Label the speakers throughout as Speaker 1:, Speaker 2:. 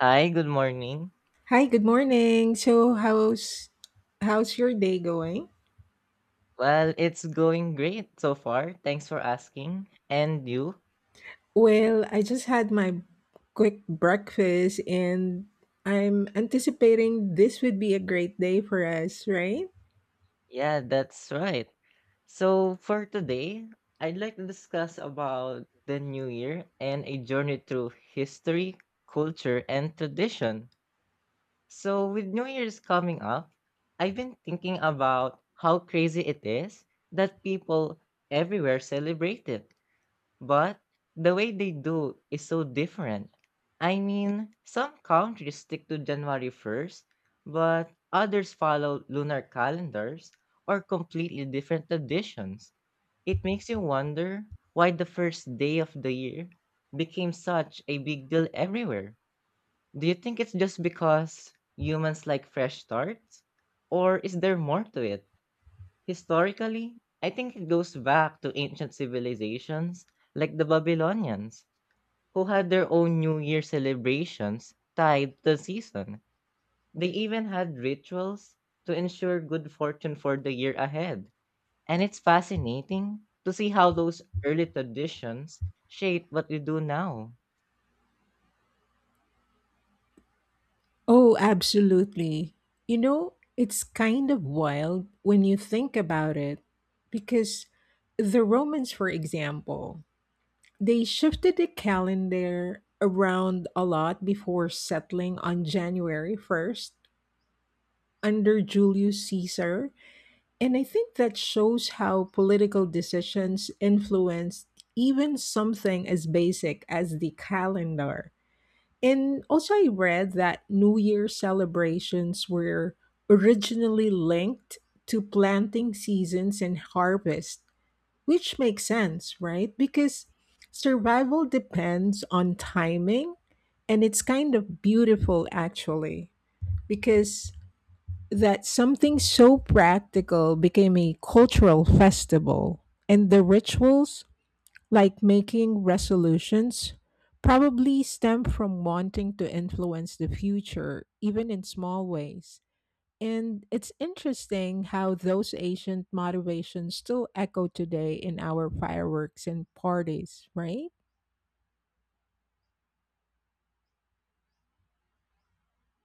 Speaker 1: Hi, good morning.
Speaker 2: Hi, good morning. So, how's your day going?
Speaker 1: Well, it's going great so far. Thanks for asking. And you?
Speaker 2: Well, I just had my quick breakfast, and I'm anticipating this would be a great day for us, right?
Speaker 1: Yeah, that's right. So for today, I'd like to discuss about the new year and a journey through history, culture, and tradition. So with New Year's coming up, I've been thinking about how crazy it is that people everywhere celebrate it. But the way they do is so different. Some countries stick to January 1st, but others follow lunar calendars or completely different traditions. It makes you wonder why the first day of the year became such a big deal everywhere. Do you think it's just because humans like fresh starts? Or is there more to it? Historically, I think it goes back to ancient civilizations like the Babylonians, who had their own New Year celebrations tied to the season. They even had rituals to ensure good fortune for the year ahead. And it's fascinating to see how those early traditions shape what we do now.
Speaker 2: Oh, absolutely. You know, it's kind of wild when you think about it because the Romans, for example, they shifted the calendar around a lot before settling on January 1st under Julius Caesar. And I think that shows how political decisions influenced even something as basic as the calendar. And also, I read that New Year celebrations were originally linked to planting seasons and harvest, which makes sense, right? Because survival depends on timing, and it's kind of beautiful actually, because that something so practical became a cultural festival, and the rituals, like making resolutions, probably stem from wanting to influence the future, even in small ways. And it's interesting how those ancient motivations still echo today in our fireworks and parties, right?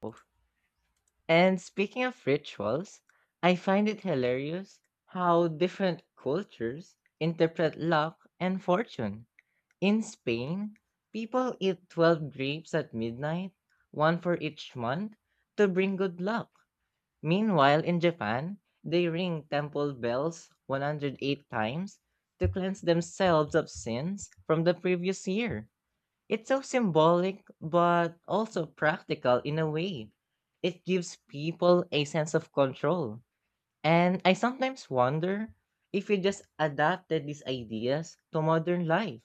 Speaker 1: Oh. And speaking of rituals, I find it hilarious how different cultures interpret luck and fortune. In Spain, people eat 12 grapes at midnight, one for each month, to bring good luck. Meanwhile, in Japan, they ring temple bells 108 times to cleanse themselves of sins from the previous year. It's so symbolic, but also practical in a way. It gives people a sense of control. And I sometimes wonder if we just adapted these ideas to modern life,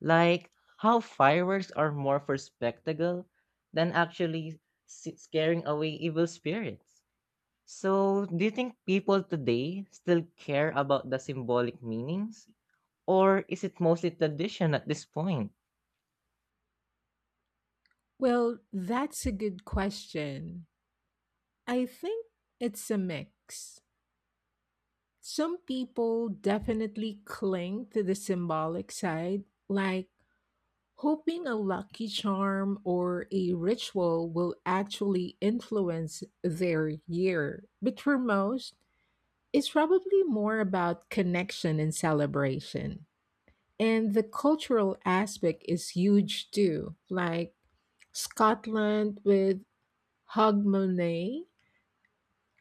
Speaker 1: like how fireworks are more for spectacle than actually scaring away evil spirits. So, do you think people today still care about the symbolic meanings? Or is it mostly tradition at this point?
Speaker 2: Well, that's a good question. I think it's a mix. Some people definitely cling to the symbolic side, like hoping a lucky charm or a ritual will actually influence their year. But for most, it's probably more about connection and celebration. And the cultural aspect is huge too, like Scotland with Hogmanay.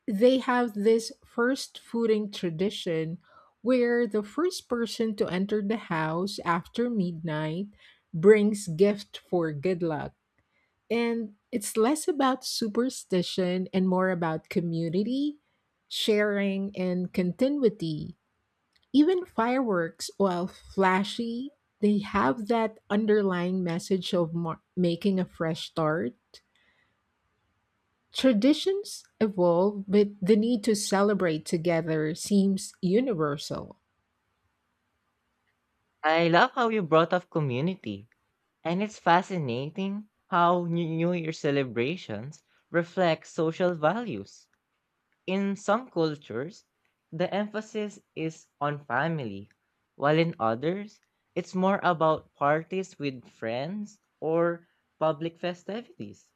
Speaker 2: They have this first footing tradition where the first person to enter the house after midnight brings gift for good luck, and it's less about superstition and more about community sharing and continuity. Even fireworks, while flashy, they have that underlying message of making a fresh start. Traditions evolve, but the need to celebrate together seems universal.
Speaker 1: I love how you brought up community, and it's fascinating how New Year celebrations reflect social values. In some cultures, the emphasis is on family, while in others, it's more about parties with friends or public festivities.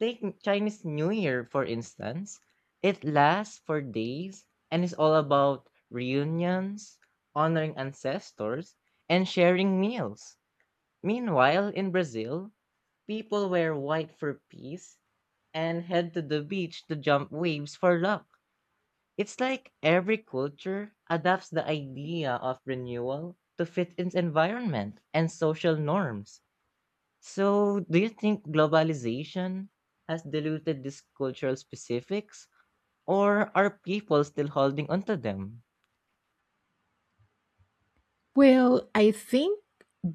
Speaker 1: Take Chinese New Year, for instance. It lasts for days and is all about reunions, honoring ancestors, and sharing meals. Meanwhile, in Brazil, people wear white for peace and head to the beach to jump waves for luck. It's like every culture adapts the idea of renewal to fit its environment and social norms. So, do you think globalization has diluted these cultural specifics, or are people still holding onto them?
Speaker 2: Well, I think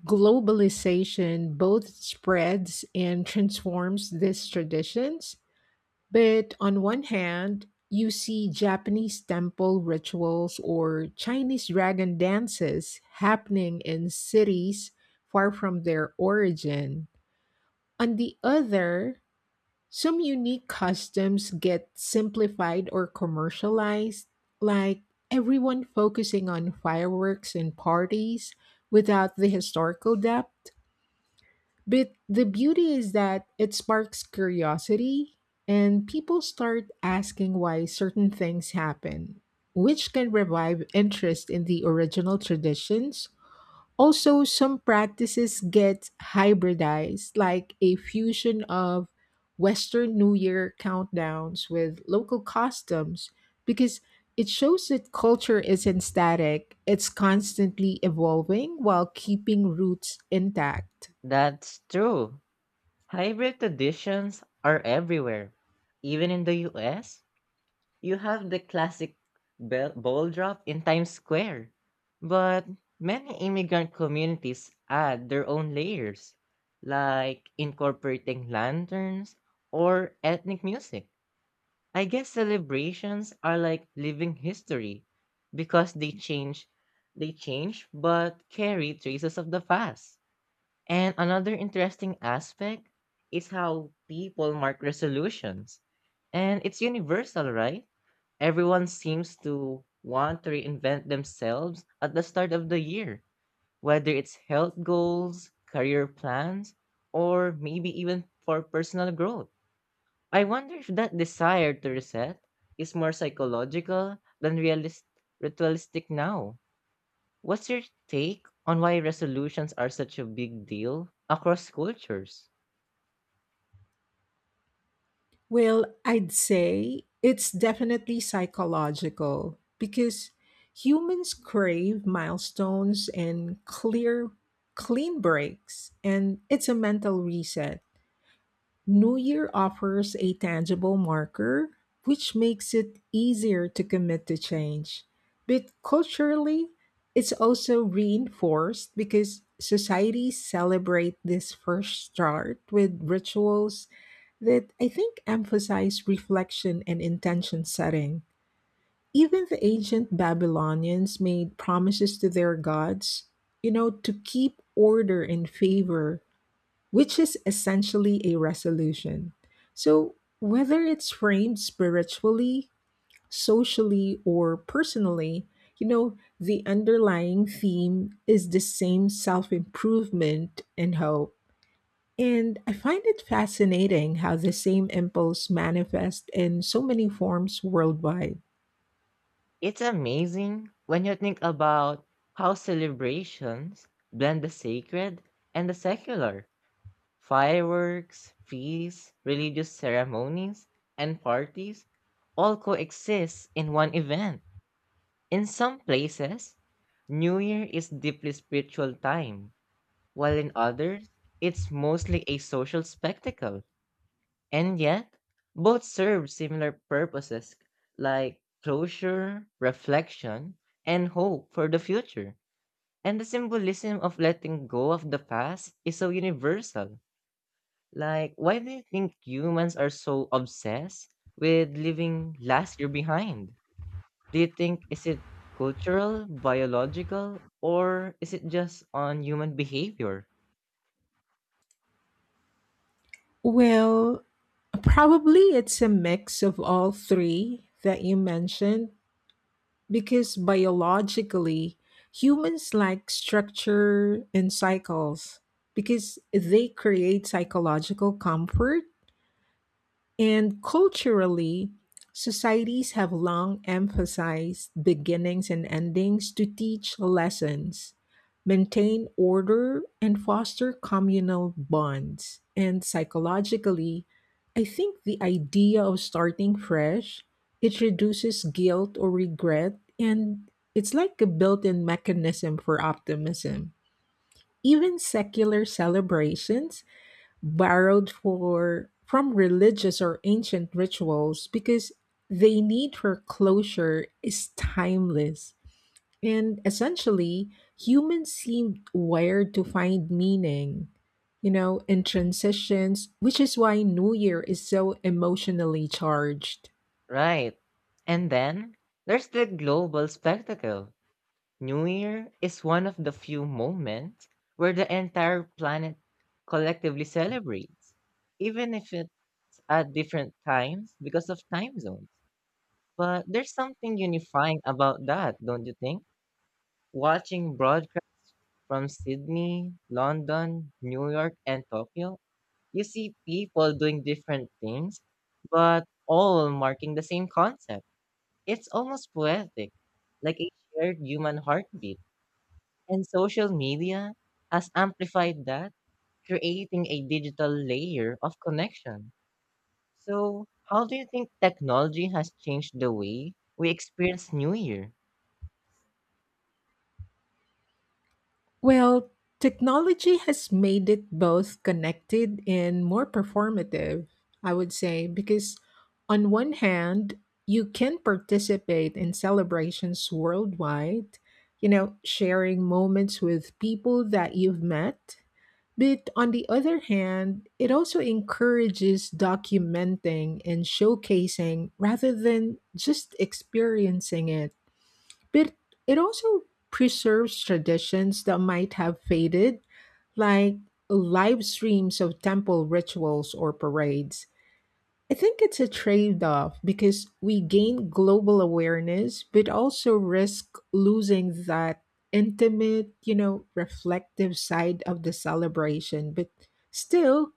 Speaker 2: globalization both spreads and transforms these traditions. But on one hand, you see Japanese temple rituals or Chinese dragon dances happening in cities far from their origin. On the other, some unique customs get simplified or commercialized, like everyone focusing on fireworks and parties without the historical depth. But the beauty is that it sparks curiosity and people start asking why certain things happen, which can revive interest in the original traditions. Also, some practices get hybridized, like a fusion of Western New Year countdowns with local customs, because it shows that culture isn't static, it's constantly evolving while keeping roots intact.
Speaker 1: That's true. Hybrid traditions are everywhere. Even in the US, you have the classic ball drop in Times Square, but many immigrant communities add their own layers, like incorporating lanterns or ethnic music. I guess celebrations are like living history because they change but carry traces of the past. And another interesting aspect is how people mark resolutions. And it's universal, right? Everyone seems to want to reinvent themselves at the start of the year, whether it's health goals, career plans, or maybe even for personal growth. I wonder if that desire to reset is more psychological than ritualistic now. What's your take on why resolutions are such a big deal across cultures?
Speaker 2: Well, I'd say it's definitely psychological because humans crave milestones and clear, clean breaks, and it's a mental reset. New Year offers a tangible marker, which makes it easier to commit to change. But culturally, it's also reinforced because societies celebrate this first start with rituals that I think emphasize reflection and intention setting. Even the ancient Babylonians made promises to their gods, you know, to keep order and favor, which is essentially a resolution. So, whether it's framed spiritually, socially, or personally, you know, the underlying theme is the same self improvement and hope. And I find it fascinating how the same impulse manifests in so many forms worldwide.
Speaker 1: It's amazing when you think about how celebrations blend the sacred and the secular. Fireworks, feasts, religious ceremonies, and parties all coexist in one event. In some places, New Year is deeply spiritual time, while in others, it's mostly a social spectacle. And yet, both serve similar purposes like closure, reflection, and hope for the future. And the symbolism of letting go of the past is so universal. Why do you think humans are so obsessed with leaving last year behind? Do you think is it cultural, biological, or is it just on human behavior?
Speaker 2: Well, probably it's a mix of all three that you mentioned because biologically humans like structure and cycles because they create psychological comfort. And culturally, societies have long emphasized beginnings and endings to teach lessons, maintain order, and foster communal bonds. And psychologically, I think the idea of starting fresh, it reduces guilt or regret, and it's like a built-in mechanism for optimism. Even secular celebrations borrowed for from religious or ancient rituals because they need for closure is timeless. And essentially, humans seem wired to find meaning, you know, in transitions, which is why New Year is so emotionally charged.
Speaker 1: Right. And then there's the global spectacle. New Year is one of the few moments where the entire planet collectively celebrates, even if it's at different times because of time zones. But there's something unifying about that, don't you think? Watching broadcasts from Sydney, London, New York, and Tokyo, you see people doing different things, but all marking the same concept. It's almost poetic, like a shared human heartbeat. And social media has amplified that, creating a digital layer of connection. So, how do you think technology has changed the way we experience New Year?
Speaker 2: Well, technology has made it both connected and more performative, I would say, because on one hand, you can participate in celebrations worldwide, you know, sharing moments with people that you've met. But on the other hand, it also encourages documenting and showcasing rather than just experiencing it. But it also preserves traditions that might have faded, like live streams of temple rituals or parades. I think it's a trade off because we gain global awareness, but also risk losing that intimate, you know, reflective side of the celebration. But still,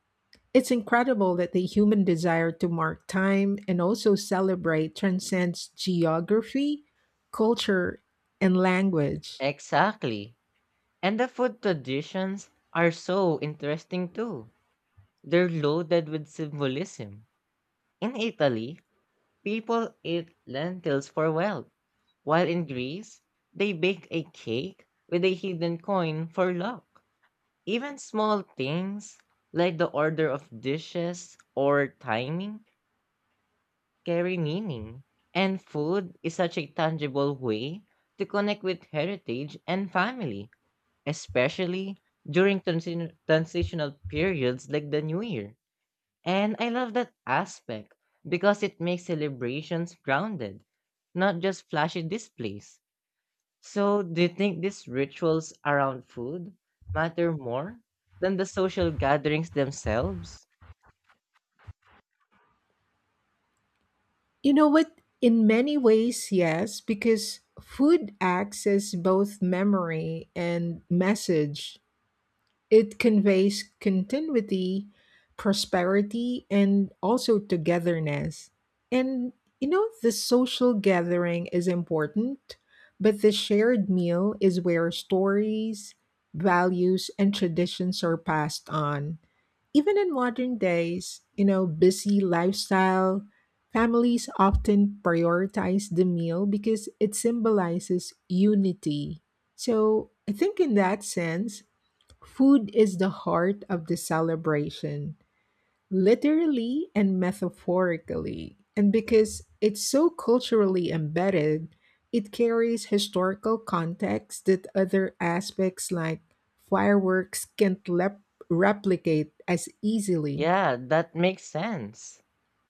Speaker 2: it's incredible that the human desire to mark time and also celebrate transcends geography, culture, and language.
Speaker 1: Exactly. And the food traditions are so interesting too. They're loaded with symbolism. In Italy, people eat lentils for wealth, while in Greece, they bake a cake with a hidden coin for luck. Even small things like the order of dishes or timing carry meaning. And food is such a tangible way to connect with heritage and family, especially during transitional periods like the New Year. And I love that aspect because it makes celebrations grounded, not just flashy displays. So, do you think these rituals around food matter more than the social gatherings themselves?
Speaker 2: You know what? In many ways, yes, because food acts as both memory and message. It conveys continuity, prosperity, and also togetherness. And you know, the social gathering is important, but the shared meal is where stories, values, and traditions are passed on. Even in modern days, you know, busy lifestyle, families often prioritize the meal because it symbolizes unity. So I think in that sense, food is the heart of the celebration, literally and metaphorically. And because it's so culturally embedded, it carries historical context that other aspects like fireworks can't replicate as easily.
Speaker 1: Yeah, that makes sense.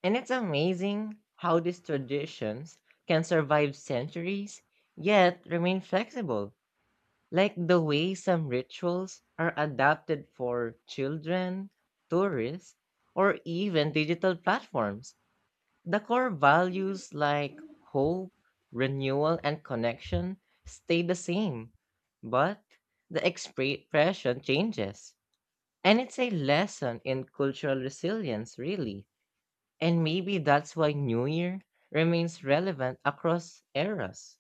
Speaker 1: And it's amazing how these traditions can survive centuries yet remain flexible, like the way some rituals are adapted for children, tourists, or even digital platforms. The core values like hope, renewal, and connection stay the same, but the expression changes. And it's a lesson in cultural resilience, really. And maybe that's why New Year remains relevant across eras.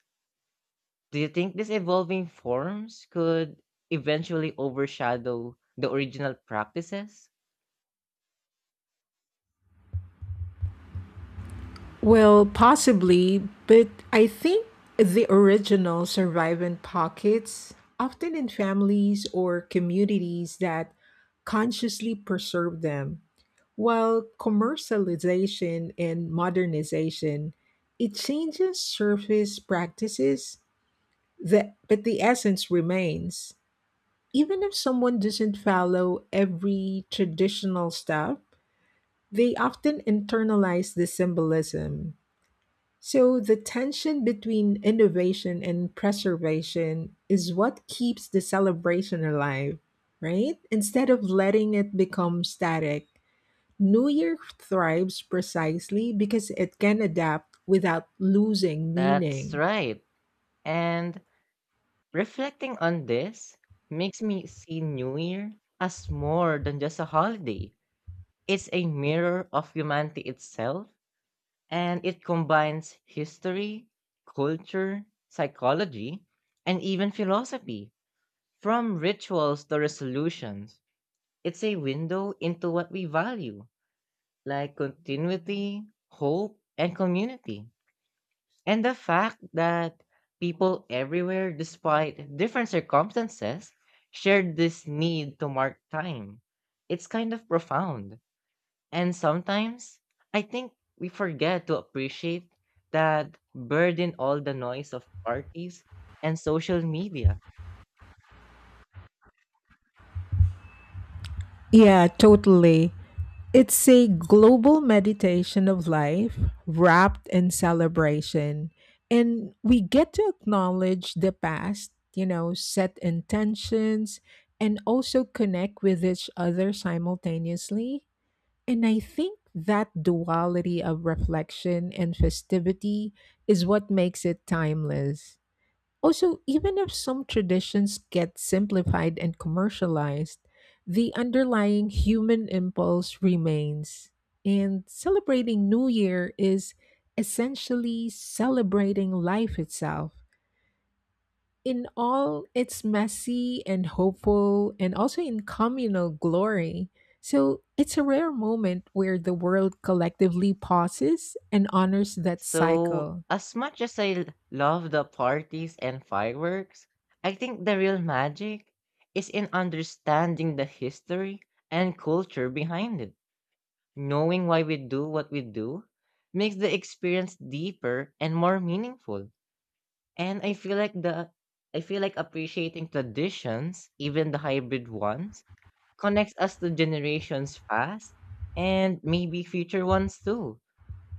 Speaker 1: Do you think these evolving forms could eventually overshadow the original practices?
Speaker 2: Well, possibly, but I think the original survive in pockets, often in families or communities that consciously preserve them. While commercialization and modernization, it changes service practices, but the essence remains. Even if someone doesn't follow every traditional step, they often internalize the symbolism. So the tension between innovation and preservation is what keeps the celebration alive, right? Instead of letting it become static, New Year thrives precisely because it can adapt without losing
Speaker 1: That's
Speaker 2: meaning.
Speaker 1: right. And reflecting on this makes me see New Year as more than just a holiday. It's a mirror of humanity itself, and it combines history, culture, psychology, and even philosophy, from rituals to resolutions. It's a window into what we value like continuity, hope, and community. And the fact that people everywhere, despite different circumstances, shared this need to mark time. It's kind of profound. And sometimes I think we forget to appreciate that burden all the noise of parties and social media.
Speaker 2: Yeah, totally. It's a global meditation of life wrapped in celebration. And we get to acknowledge the past, you know, set intentions, and also connect with each other simultaneously. And I think that duality of reflection and festivity is what makes it timeless. Also, even if some traditions get simplified and commercialized, the underlying human impulse remains. And celebrating New Year is essentially celebrating life itself in all its messy and hopeful, and also in communal glory. So, it's a rare moment where the world collectively pauses and honors that
Speaker 1: So,
Speaker 2: cycle.
Speaker 1: as much as love the parties and fireworks, I think the real magic is in understanding the history and culture behind it. Knowing why we do what we do makes the experience deeper and more meaningful. And I feel like appreciating traditions, even the hybrid ones, connects us to generations past and maybe future ones too.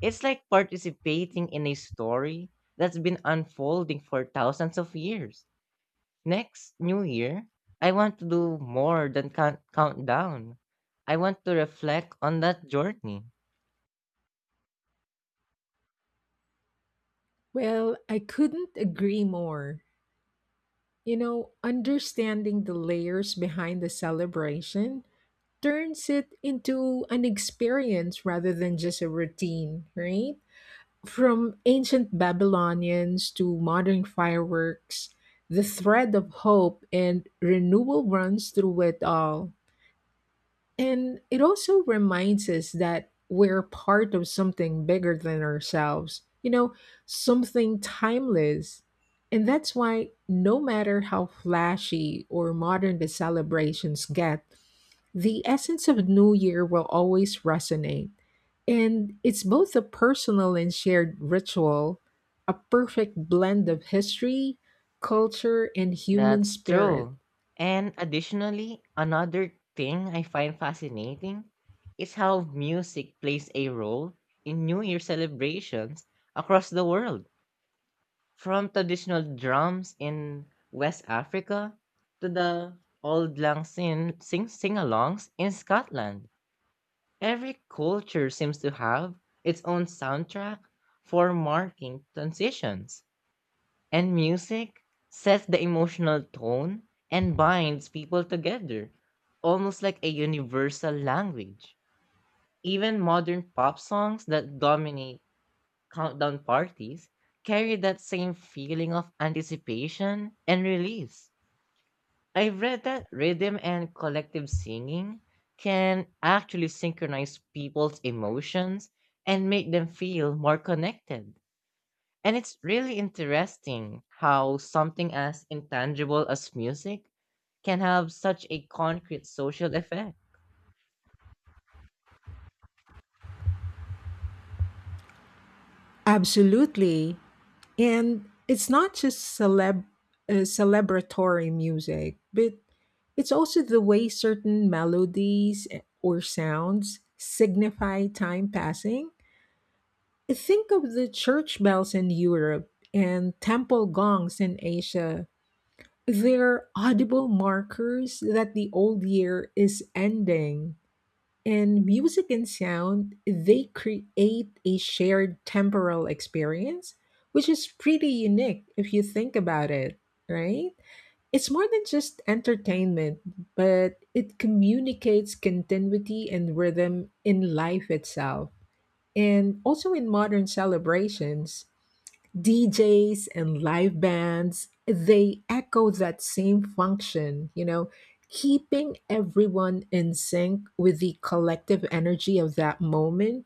Speaker 1: It's like participating in a story that's been unfolding for thousands of years. Next New Year, I want to do more than countdown. I want to reflect on that journey.
Speaker 2: Well, I couldn't agree more. You know, understanding the layers behind the celebration turns it into an experience rather than just a routine, right? From ancient Babylonians to modern fireworks, the thread of hope and renewal runs through it all. And it also reminds us that we're part of something bigger than ourselves, you know, something timeless. And that's why, no matter how flashy or modern the celebrations get, the essence of New Year will always resonate. And it's both a personal and shared ritual, a perfect blend of history, culture, and human
Speaker 1: That's
Speaker 2: spirit.
Speaker 1: true. And additionally, another thing I find fascinating is how music plays a role in New Year celebrations across the world. From traditional drums in West Africa to the old lang sing-alongs in Scotland, every culture seems to have its own soundtrack for marking transitions. And music sets the emotional tone and binds people together, almost like a universal language. Even modern pop songs that dominate countdown parties carry that same feeling of anticipation and release. I've read that rhythm and collective singing can actually synchronize people's emotions and make them feel more connected. And it's really interesting how something as intangible as music can have such a concrete social effect.
Speaker 2: Absolutely. And it's not just celebratory music, but it's also the way certain melodies or sounds signify time passing. Think of the church bells in Europe and temple gongs in Asia. They're audible markers that the old year is ending. And music and sound, they create a shared temporal experience, which is pretty unique if you think about it, right? It's more than just entertainment, but it communicates continuity and rhythm in life itself. And also in modern celebrations, DJs and live bands, they echo that same function, you know, keeping everyone in sync with the collective energy of that moment.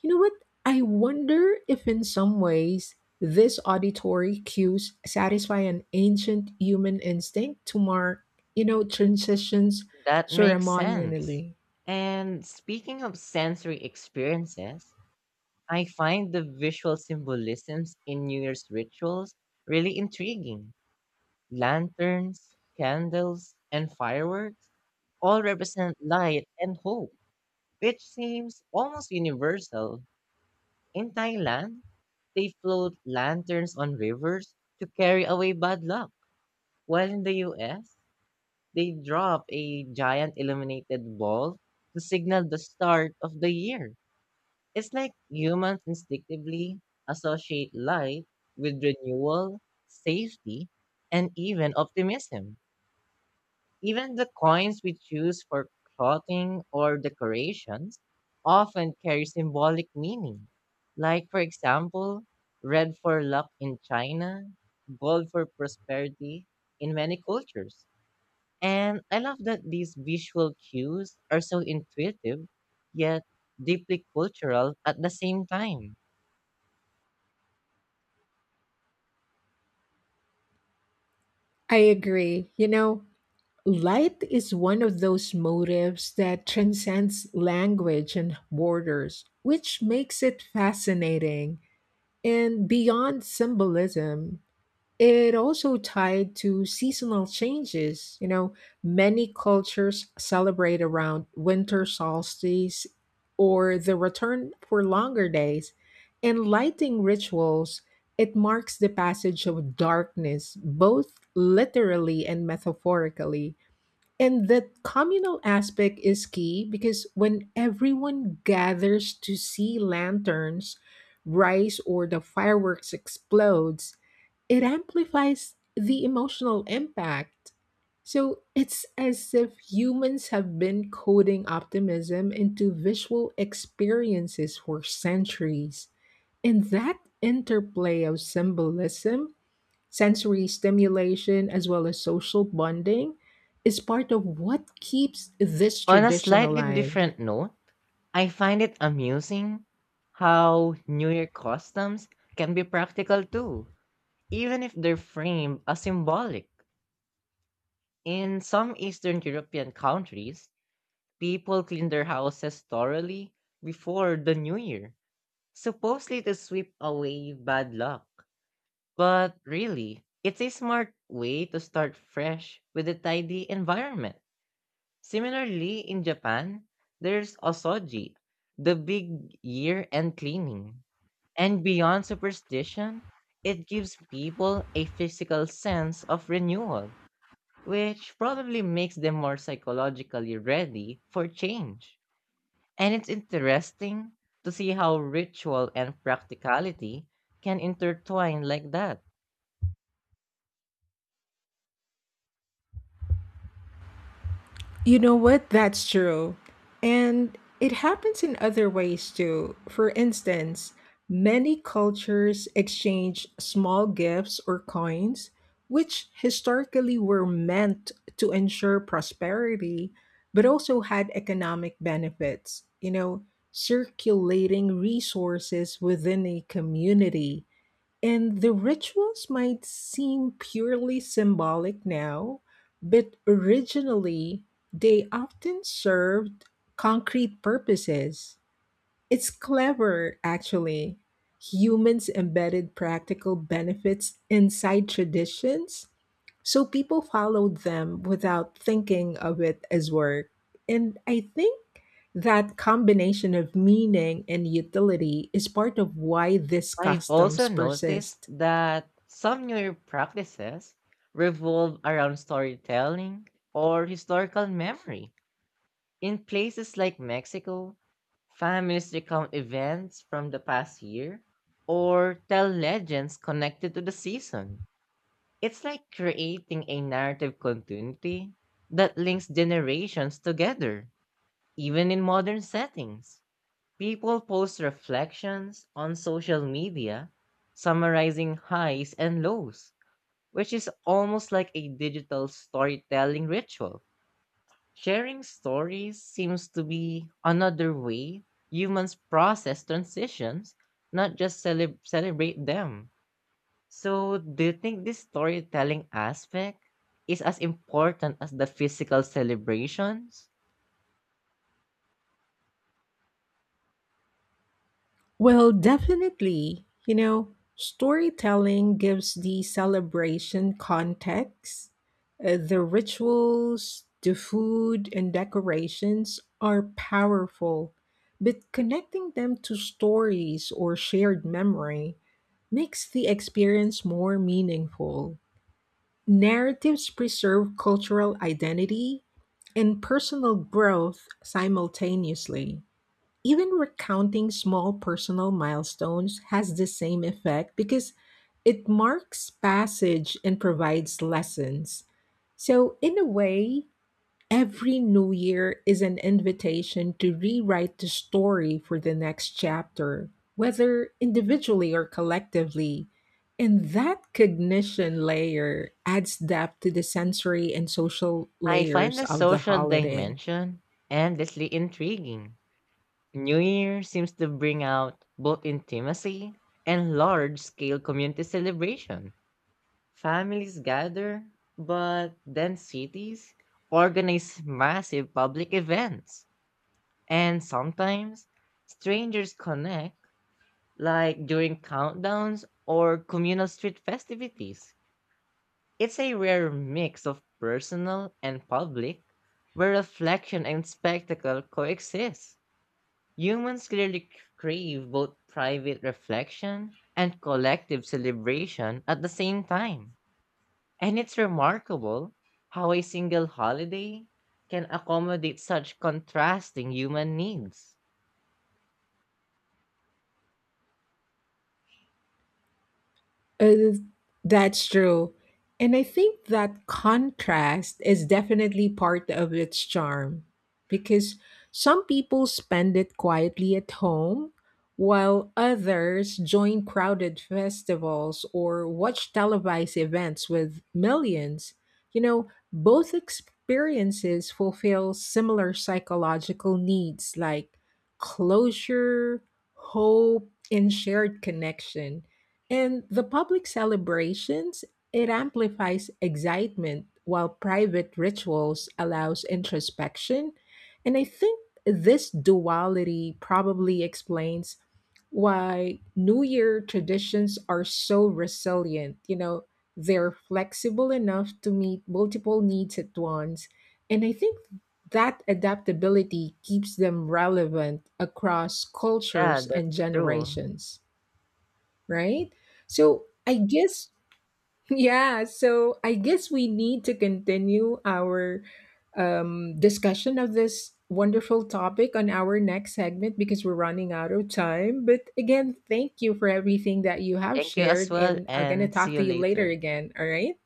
Speaker 2: You know what? I wonder if, in some ways, this auditory cues satisfy an ancient human instinct to mark, you know, transitions
Speaker 1: That makes sense.
Speaker 2: ceremonially.
Speaker 1: And speaking of sensory experiences, I find the visual symbolisms in New Year's rituals really intriguing. Lanterns, candles, and fireworks all represent light and hope, which seems almost universal. In Thailand, they float lanterns on rivers to carry away bad luck, while in the US, they drop a giant illuminated ball to signal the start of the year. It's like humans instinctively associate light with renewal, safety, and even optimism. Even the coins we choose for clothing or decorations often carry symbolic meaning. Like, for example, Red for luck in China, gold for prosperity in many cultures. And I love that these visual cues are so intuitive, yet deeply cultural at the same time.
Speaker 2: I agree. You know, light is one of those motives that transcends language and borders, which makes it fascinating. And beyond symbolism, it also tied to seasonal changes. You know, many cultures celebrate around winter solstice or the return for longer days. In lighting rituals, it marks the passage of darkness, both literally and metaphorically. And that communal aspect is key because when everyone gathers to see lanterns rise or the fireworks explodes, it amplifies the emotional impact. So it's as if humans have been coding optimism into visual experiences for centuries. And that interplay of symbolism, sensory stimulation, as well as social bonding, is part of what keeps this
Speaker 1: On a
Speaker 2: tradition
Speaker 1: slightly
Speaker 2: alive.
Speaker 1: different note, I find it amusing how New Year customs can be practical too, even if they're framed as symbolic. In some Eastern European countries, people clean their houses thoroughly before the New Year, supposedly to sweep away bad luck. But really, it's a smart way to start fresh with a tidy environment. Similarly, in Japan, there's osoji, the big year-end cleaning. And beyond superstition, it gives people a physical sense of renewal, which probably makes them more psychologically ready for change. And it's interesting to see how ritual and practicality can intertwine like that.
Speaker 2: You know what? That's true. And it happens in other ways too. For instance, many cultures exchange small gifts or coins, which historically were meant to ensure prosperity, but also had economic benefits. You know, circulating resources within a community. And the rituals might seem purely symbolic now, but originally they often served concrete purposes. It's clever, actually. Humans embedded practical benefits inside traditions, so people followed them without thinking of it as work. And I think that combination of meaning and utility is part of why these
Speaker 1: I've also
Speaker 2: customs
Speaker 1: noticed
Speaker 2: persist.
Speaker 1: that some newer practices revolve around storytelling or historical memory. In places like Mexico, families recount events from the past year or tell legends connected to the season. It's like creating a narrative continuity that links generations together, even in modern settings. People post reflections on social media, summarizing highs and lows, which is almost like a digital storytelling ritual. Sharing stories seems to be another way humans process transitions, not just celebrate them. So, do you think this storytelling aspect is as important as the physical celebrations?
Speaker 2: Well, definitely. You know, storytelling gives the celebration context. The rituals, the food, and decorations are powerful, but connecting them to stories or shared memory makes the experience more meaningful. Narratives preserve cultural identity and personal growth simultaneously. Even recounting small personal milestones has the same effect because it marks passage and provides lessons. So, in a way, every new year is an invitation to rewrite the story for the next chapter, whether individually or collectively. And that cognition layer adds depth to the sensory and social
Speaker 1: I find
Speaker 2: layers
Speaker 1: the
Speaker 2: of the
Speaker 1: social
Speaker 2: holiday.
Speaker 1: dimension endlessly intriguing. New Year seems to bring out both intimacy and large scale community celebration. Families gather, but then cities organize massive public events. And sometimes strangers connect, like during countdowns or communal street festivities. It's a rare mix of personal and public, where reflection and spectacle coexist. Humans clearly crave both private reflection and collective celebration at the same time. And it's remarkable how a single holiday can accommodate such contrasting human needs.
Speaker 2: Uh, that's true. And I think that contrast is definitely part of its charm because some people spend it quietly at home while others join crowded festivals or watch televised events with millions. You know, both experiences fulfill similar psychological needs, like closure, hope, and shared connection. And the public celebrations, it amplifies excitement while private rituals allows introspection. And I think this duality probably explains why New Year traditions are so resilient. You know, they're flexible enough to meet multiple needs at once. And I think that adaptability keeps them relevant across
Speaker 1: Yeah,
Speaker 2: cultures and
Speaker 1: that's true.
Speaker 2: generations, right? So I guess, yeah, so I guess we need to continue our discussion of this wonderful topic on our next segment because we're running out of time. But again, thank you for everything that you have
Speaker 1: Thank you as
Speaker 2: shared,
Speaker 1: well,
Speaker 2: and I'm going to
Speaker 1: and
Speaker 2: talk
Speaker 1: see
Speaker 2: to
Speaker 1: you
Speaker 2: you later
Speaker 1: later.
Speaker 2: again, all right?